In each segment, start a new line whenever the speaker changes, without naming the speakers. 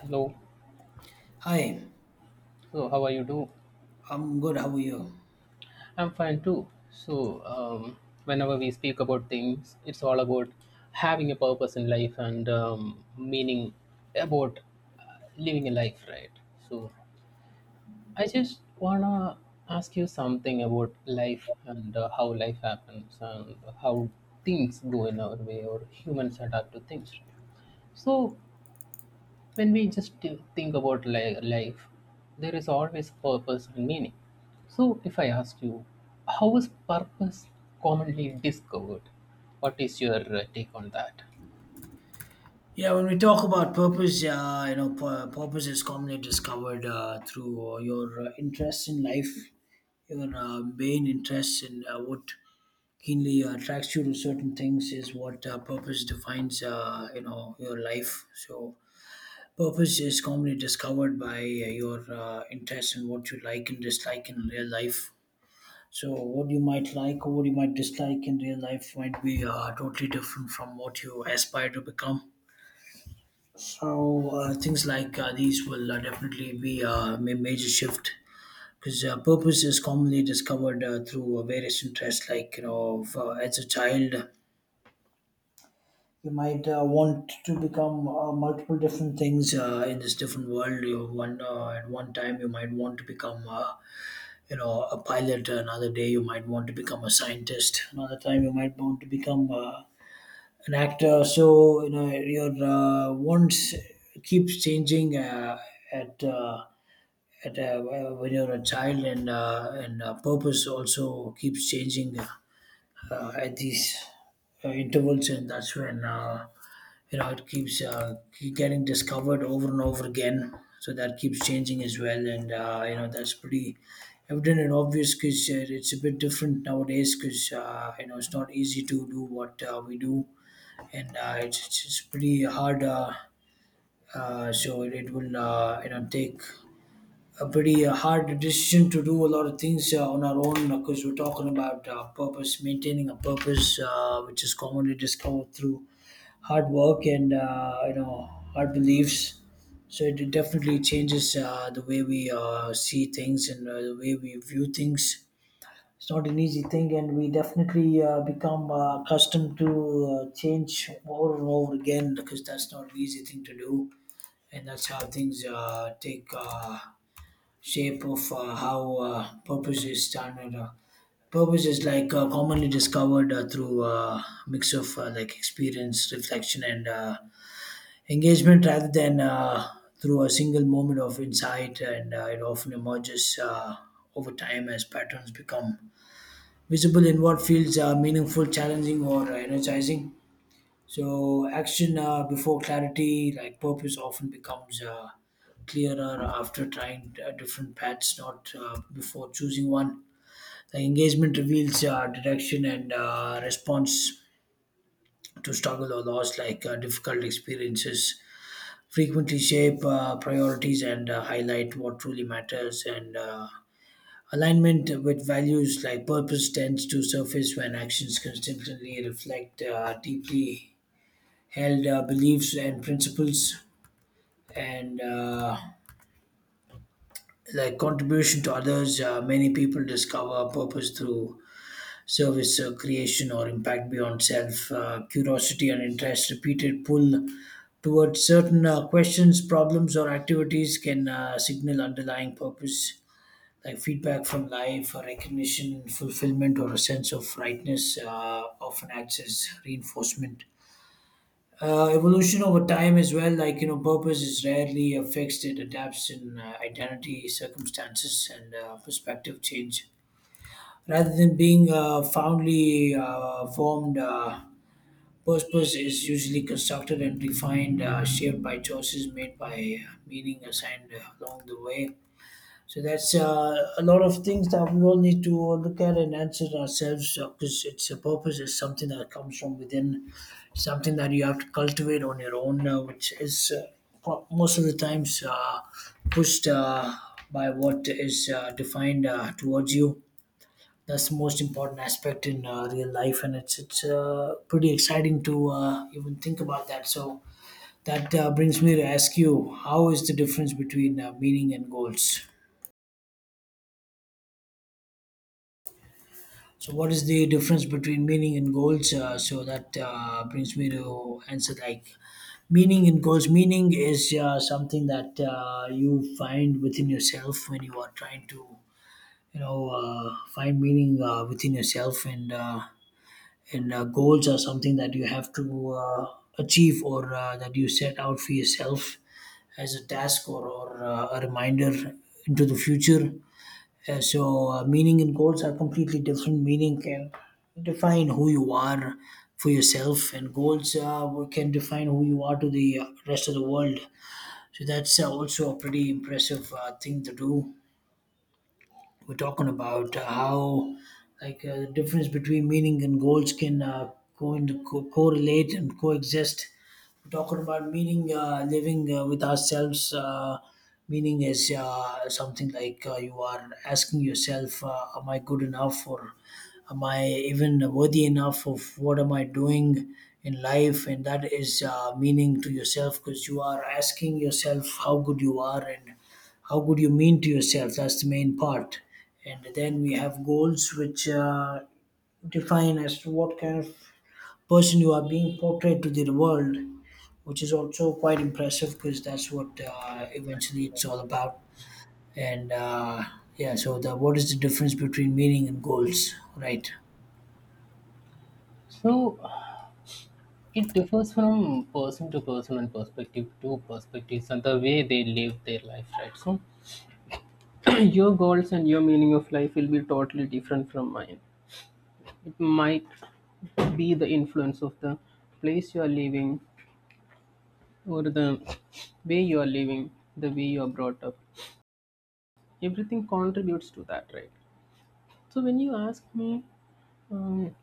Hello.
Hi,
So, how are you doing?
I'm good. How are you?
I'm fine too. Whenever we speak about things, it's all about having a purpose in life and meaning about living a life, right? So, I just wanna ask you something about life and how life happens and how things go in our way or humans adapt to things, right? So, when we just life, there is always purpose and meaning. So if I ask you, how is purpose commonly discovered, what is your take on that?
Yeah, when we talk about purpose, purpose is commonly discovered through your interests in life, your main interests in what keenly attracts you to certain things is what purpose defines, your life. So, purpose is commonly discovered by your interests in what you like and dislike in real life. So what you might like or what you might dislike in real life might be totally different from what you aspire to become. So things like these will definitely be a major shift because purpose is commonly discovered through various interests. Like you know, as a child, you might want to become multiple different things in this different world. You one at one time you might want to become. You know, a pilot, another day you might want to become a scientist, another time you might want to become an actor, so you know your wants keeps changing at uh, at when you're a child, and purpose also keeps changing at these intervals, and that's when you know, it keeps keep getting discovered over and over again, so that keeps changing as well. And you know, that's pretty evident and obvious, because it's a bit different nowadays, because you know, it's not easy to do what we do. And it's pretty hard. So it will, you know, take a pretty hard decision to do a lot of things on our own, because we're talking about purpose, maintaining a purpose which is commonly discovered through hard work and you know, hard beliefs. So it definitely changes the way we see things and the way we view things. It's not an easy thing, and we definitely become accustomed to change over and over again, because that's not an easy thing to do, and that's how things take shape of how purpose is done. And. Purpose is like commonly discovered through a mix of like experience, reflection, and engagement rather than through a single moment of insight, and it often emerges over time as patterns become visible in what feels meaningful, challenging, or energizing. So, action before clarity, like purpose, often becomes clearer after trying different paths, not before choosing one. Like engagement reveals direction and response to struggle or loss. Like difficult experiences frequently shape priorities and highlight what truly matters, and alignment with values, like purpose tends to surface when actions consistently reflect deeply held beliefs and principles, and like contribution to others, many people discover purpose through service, creation, or impact beyond self. Curiosity and interest, repeated pull towards certain questions, problems, or activities can signal underlying purpose. Like feedback from life, or recognition, fulfillment, or a sense of rightness, often acts as reinforcement. Evolution over time as well, like you know, purpose is rarely fixed. It adapts in identity, circumstances, and perspective change, rather than being a foundly formed. Purpose is usually constructed and defined, shaped by choices made, by meaning assigned along the way. So that's a lot of things that we all need to look at and answer ourselves, because it's a, purpose is something that comes from within, something that you have to cultivate on your own, which is most of the times pushed by what is defined towards you. That's the most important aspect in real life, and it's pretty exciting to even think about that. So that brings me to ask you, how is the difference between meaning and goals? So what is the difference between meaning and goals? So that brings me to answer, like meaning and goals. Meaning is something that you find within yourself when you are trying to, you know, find meaning within yourself, and goals are something that you have to achieve, or that you set out for yourself as a task, or a reminder into the future. So, meaning and goals are completely different. Meaning can define who you are for yourself, and goals can define who you are to the rest of the world. So, that's also a pretty impressive thing to do. We're talking about how like the difference between meaning and goals can go into correlate and coexist. We're talking about meaning, living with ourselves. Meaning is something like you are asking yourself, "Am I good enough?" or "Am I even worthy enough of what am I doing in life?" And that is meaning to yourself, because you are asking yourself how good you are and how good you mean to yourself. That's the main part. And then we have goals, which define as to what kind of person you are being portrayed to the world, which is also quite impressive, because that's what eventually it's all about. And yeah, so the, what is the difference between meaning and goals, right?
So it differs from person to person and perspective to perspectives and the way they live their life, right? So your goals and your meaning of life will be totally different from mine. It might be the influence of the place you are living or the way you are living, the way you are brought up. Everything contributes to that, right? So when you ask me, um,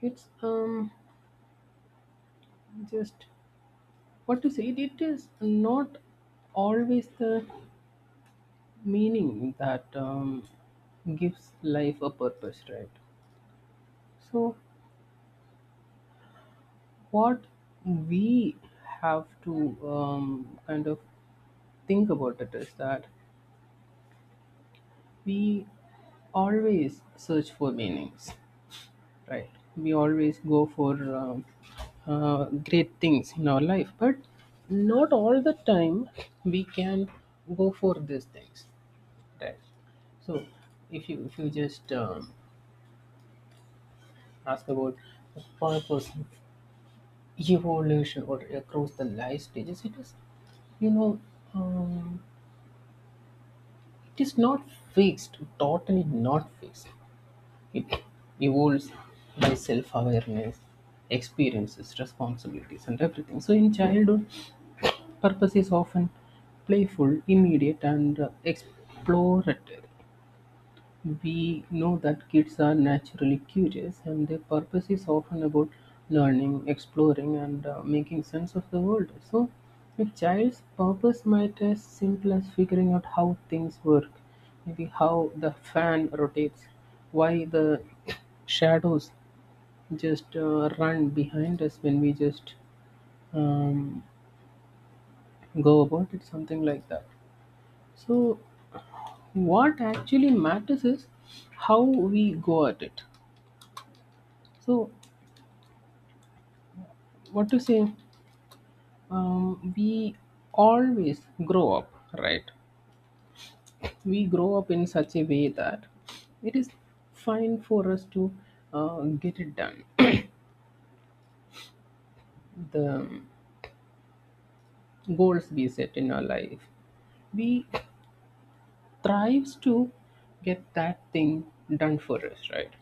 it's just what to say. It is not always the meaning that gives life a purpose, right? So what we have to kind of think about it is that we always search for meanings, right? We always go for great things in our life, but not all the time we can go for these things, right? So if you just ask about the purpose of evolution or across the life stages, it is, you know, um, it is not fixed, totally not fixed. It evolves by self-awareness, experiences, responsibilities, and everything. So, in childhood, purpose is often playful, immediate, and explorative. We know that kids are naturally curious, and their purpose is often about learning, exploring, and making sense of the world. So, a child's purpose might as simple as figuring out how things work, maybe how the fan rotates, why the shadows just run behind us when we just um, go about it, something like that. So, what actually matters is how we go at it. So, what to say, we always grow up, right? We grow up in such a way that it is fine for us to get it done. The goals we set in our life, we thrives to get that thing done for us, right?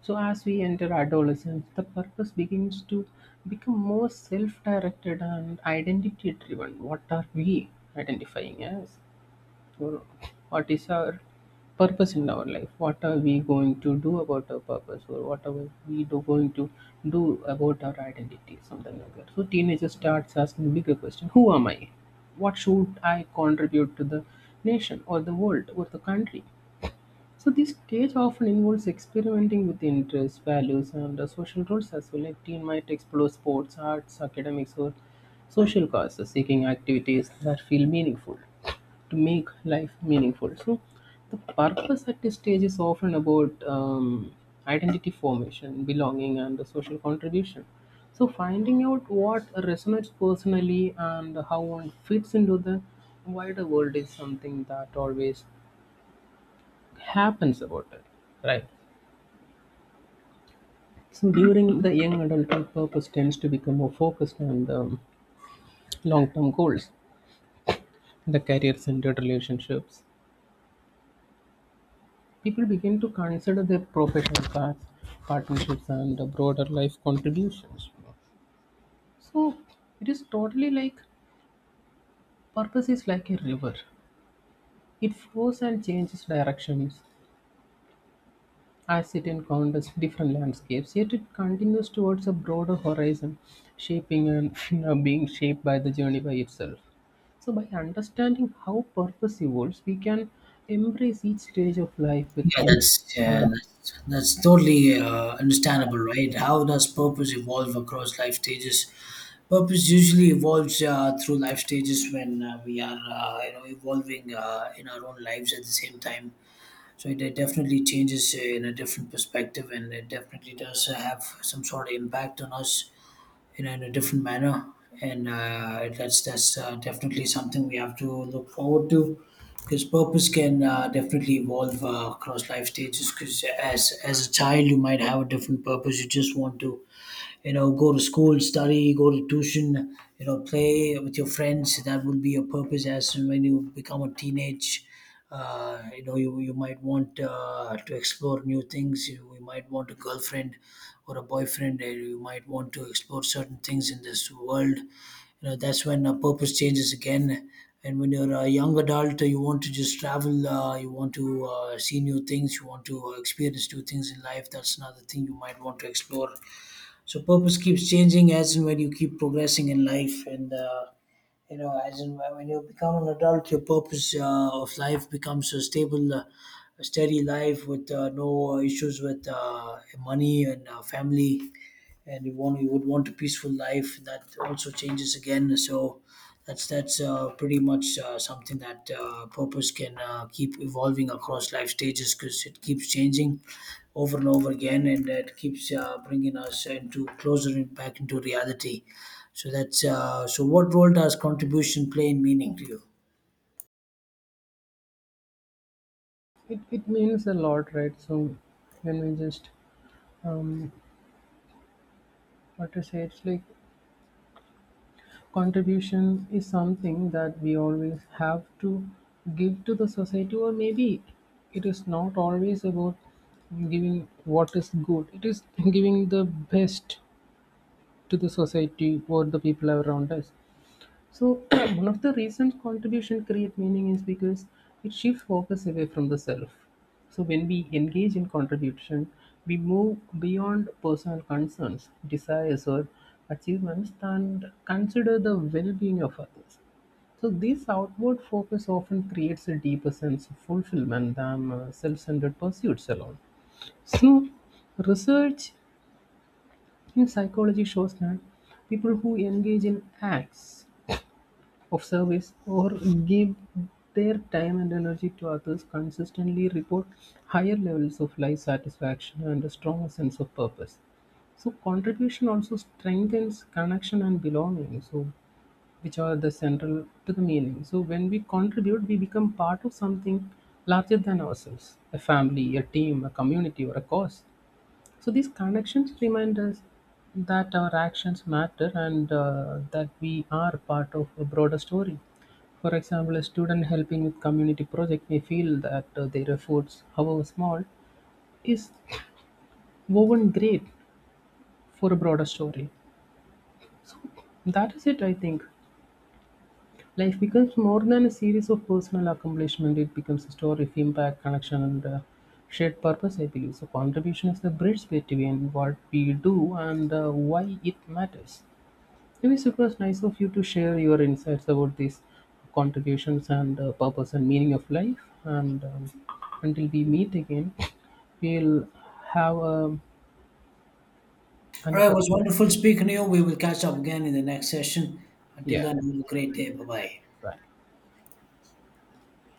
So as we enter adolescence, the purpose begins to become more self-directed and identity driven. What are we identifying as? Or what is our purpose in our life? What are we going to do about our purpose? Or what are we do going to do about our identity? Something like that. So teenager starts asking bigger question: Who am I? What should I contribute to the nation or the world or the country? So this stage often involves experimenting with interests, values, and social roles as well. A teen might explore sports, arts, academics, or social causes, seeking activities that feel meaningful to make life meaningful. So the purpose at this stage is often about identity formation, belonging, and the social contribution. So finding out what resonates personally and how one fits into the wider world is something that always happens about it, right? So during the young adulthood, purpose tends to become more focused on the long-term goals, the career-centered relationships. People begin to consider their professional paths, partnerships, and the broader life contributions. So it is totally like purpose is like a river. It flows and changes directions as it encounters different landscapes, yet it continues towards a broader horizon, shaping and, you know, being shaped by the journey by itself. So, by understanding how purpose evolves, we can embrace each stage of life with
Yeah,
in.
that's,
Uh,
yeah, that's totally understandable. Right, how does purpose evolve across life stages? Purpose usually evolves through life stages when we are, you know, evolving in our own lives at the same time. So it, definitely changes in a different perspective, and it definitely does have some sort of impact on us, you know, in a different manner. And that's definitely something we have to look forward to, because purpose can definitely evolve across life stages. Because as a child, you might have a different purpose. You just want to, you know, go to school, study, go to tuition, you know, play with your friends. That will be your purpose. As and when you become a teenage, you know, you might want to explore new things. You might want a girlfriend or a boyfriend, and you might want to explore certain things in this world, you know. That's when purpose changes again. And when you're a young adult, you want to just travel, you want to see new things, you want to experience new things in life. That's another thing you might want to explore. So purpose keeps changing as and when you keep progressing in life. And you know, as and when you become an adult, your purpose of life becomes a stable, a steady life with no issues with money and family, and you would want a peaceful life. That also changes again. So that's pretty much something that purpose can keep evolving across life stages, because it keeps changing over and over again, and it keeps bringing us into closer in, back into reality. So that's so what role does contribution play in meaning to you?
it, it means a lot, right? So, when we just um, what to say, it's like contribution is something that we always have to give to the society, or maybe it is not always about giving what is good, it is giving the best to the society or the people around us. So one of the reasons contribution create meaning is because it shifts focus away from the self. So when we engage in contribution, we move beyond personal concerns, desires or achievements and consider the well-being of others. So this outward focus often creates a deeper sense of fulfillment than self-centered pursuits alone. So research in psychology shows that people who engage in acts of service or give their time and energy to others consistently report higher levels of life satisfaction and a stronger sense of purpose. So contribution also strengthens connection and belonging. So which are the central to the meaning. So when we contribute, we become part of something larger than ourselves, a family, a team, a community, or a cause. So these connections remind us that our actions matter and that we are part of a broader story. For example, a student helping with community project may feel that their efforts, however small, is woven great for a broader story. That is it, I think. Life becomes more than a series of personal accomplishment. It becomes a story of impact, connection, and shared purpose. I believe so. Contribution is the bridge between what we do and why it matters. It was super nice of you to share your insights about these contributions and purpose and meaning of life. And until we meet again, we'll have
All right, it
another.
was wonderful speaking to you. We will catch up again in the next session. Until
Yeah,
then, have a great day. Bye bye.
bye.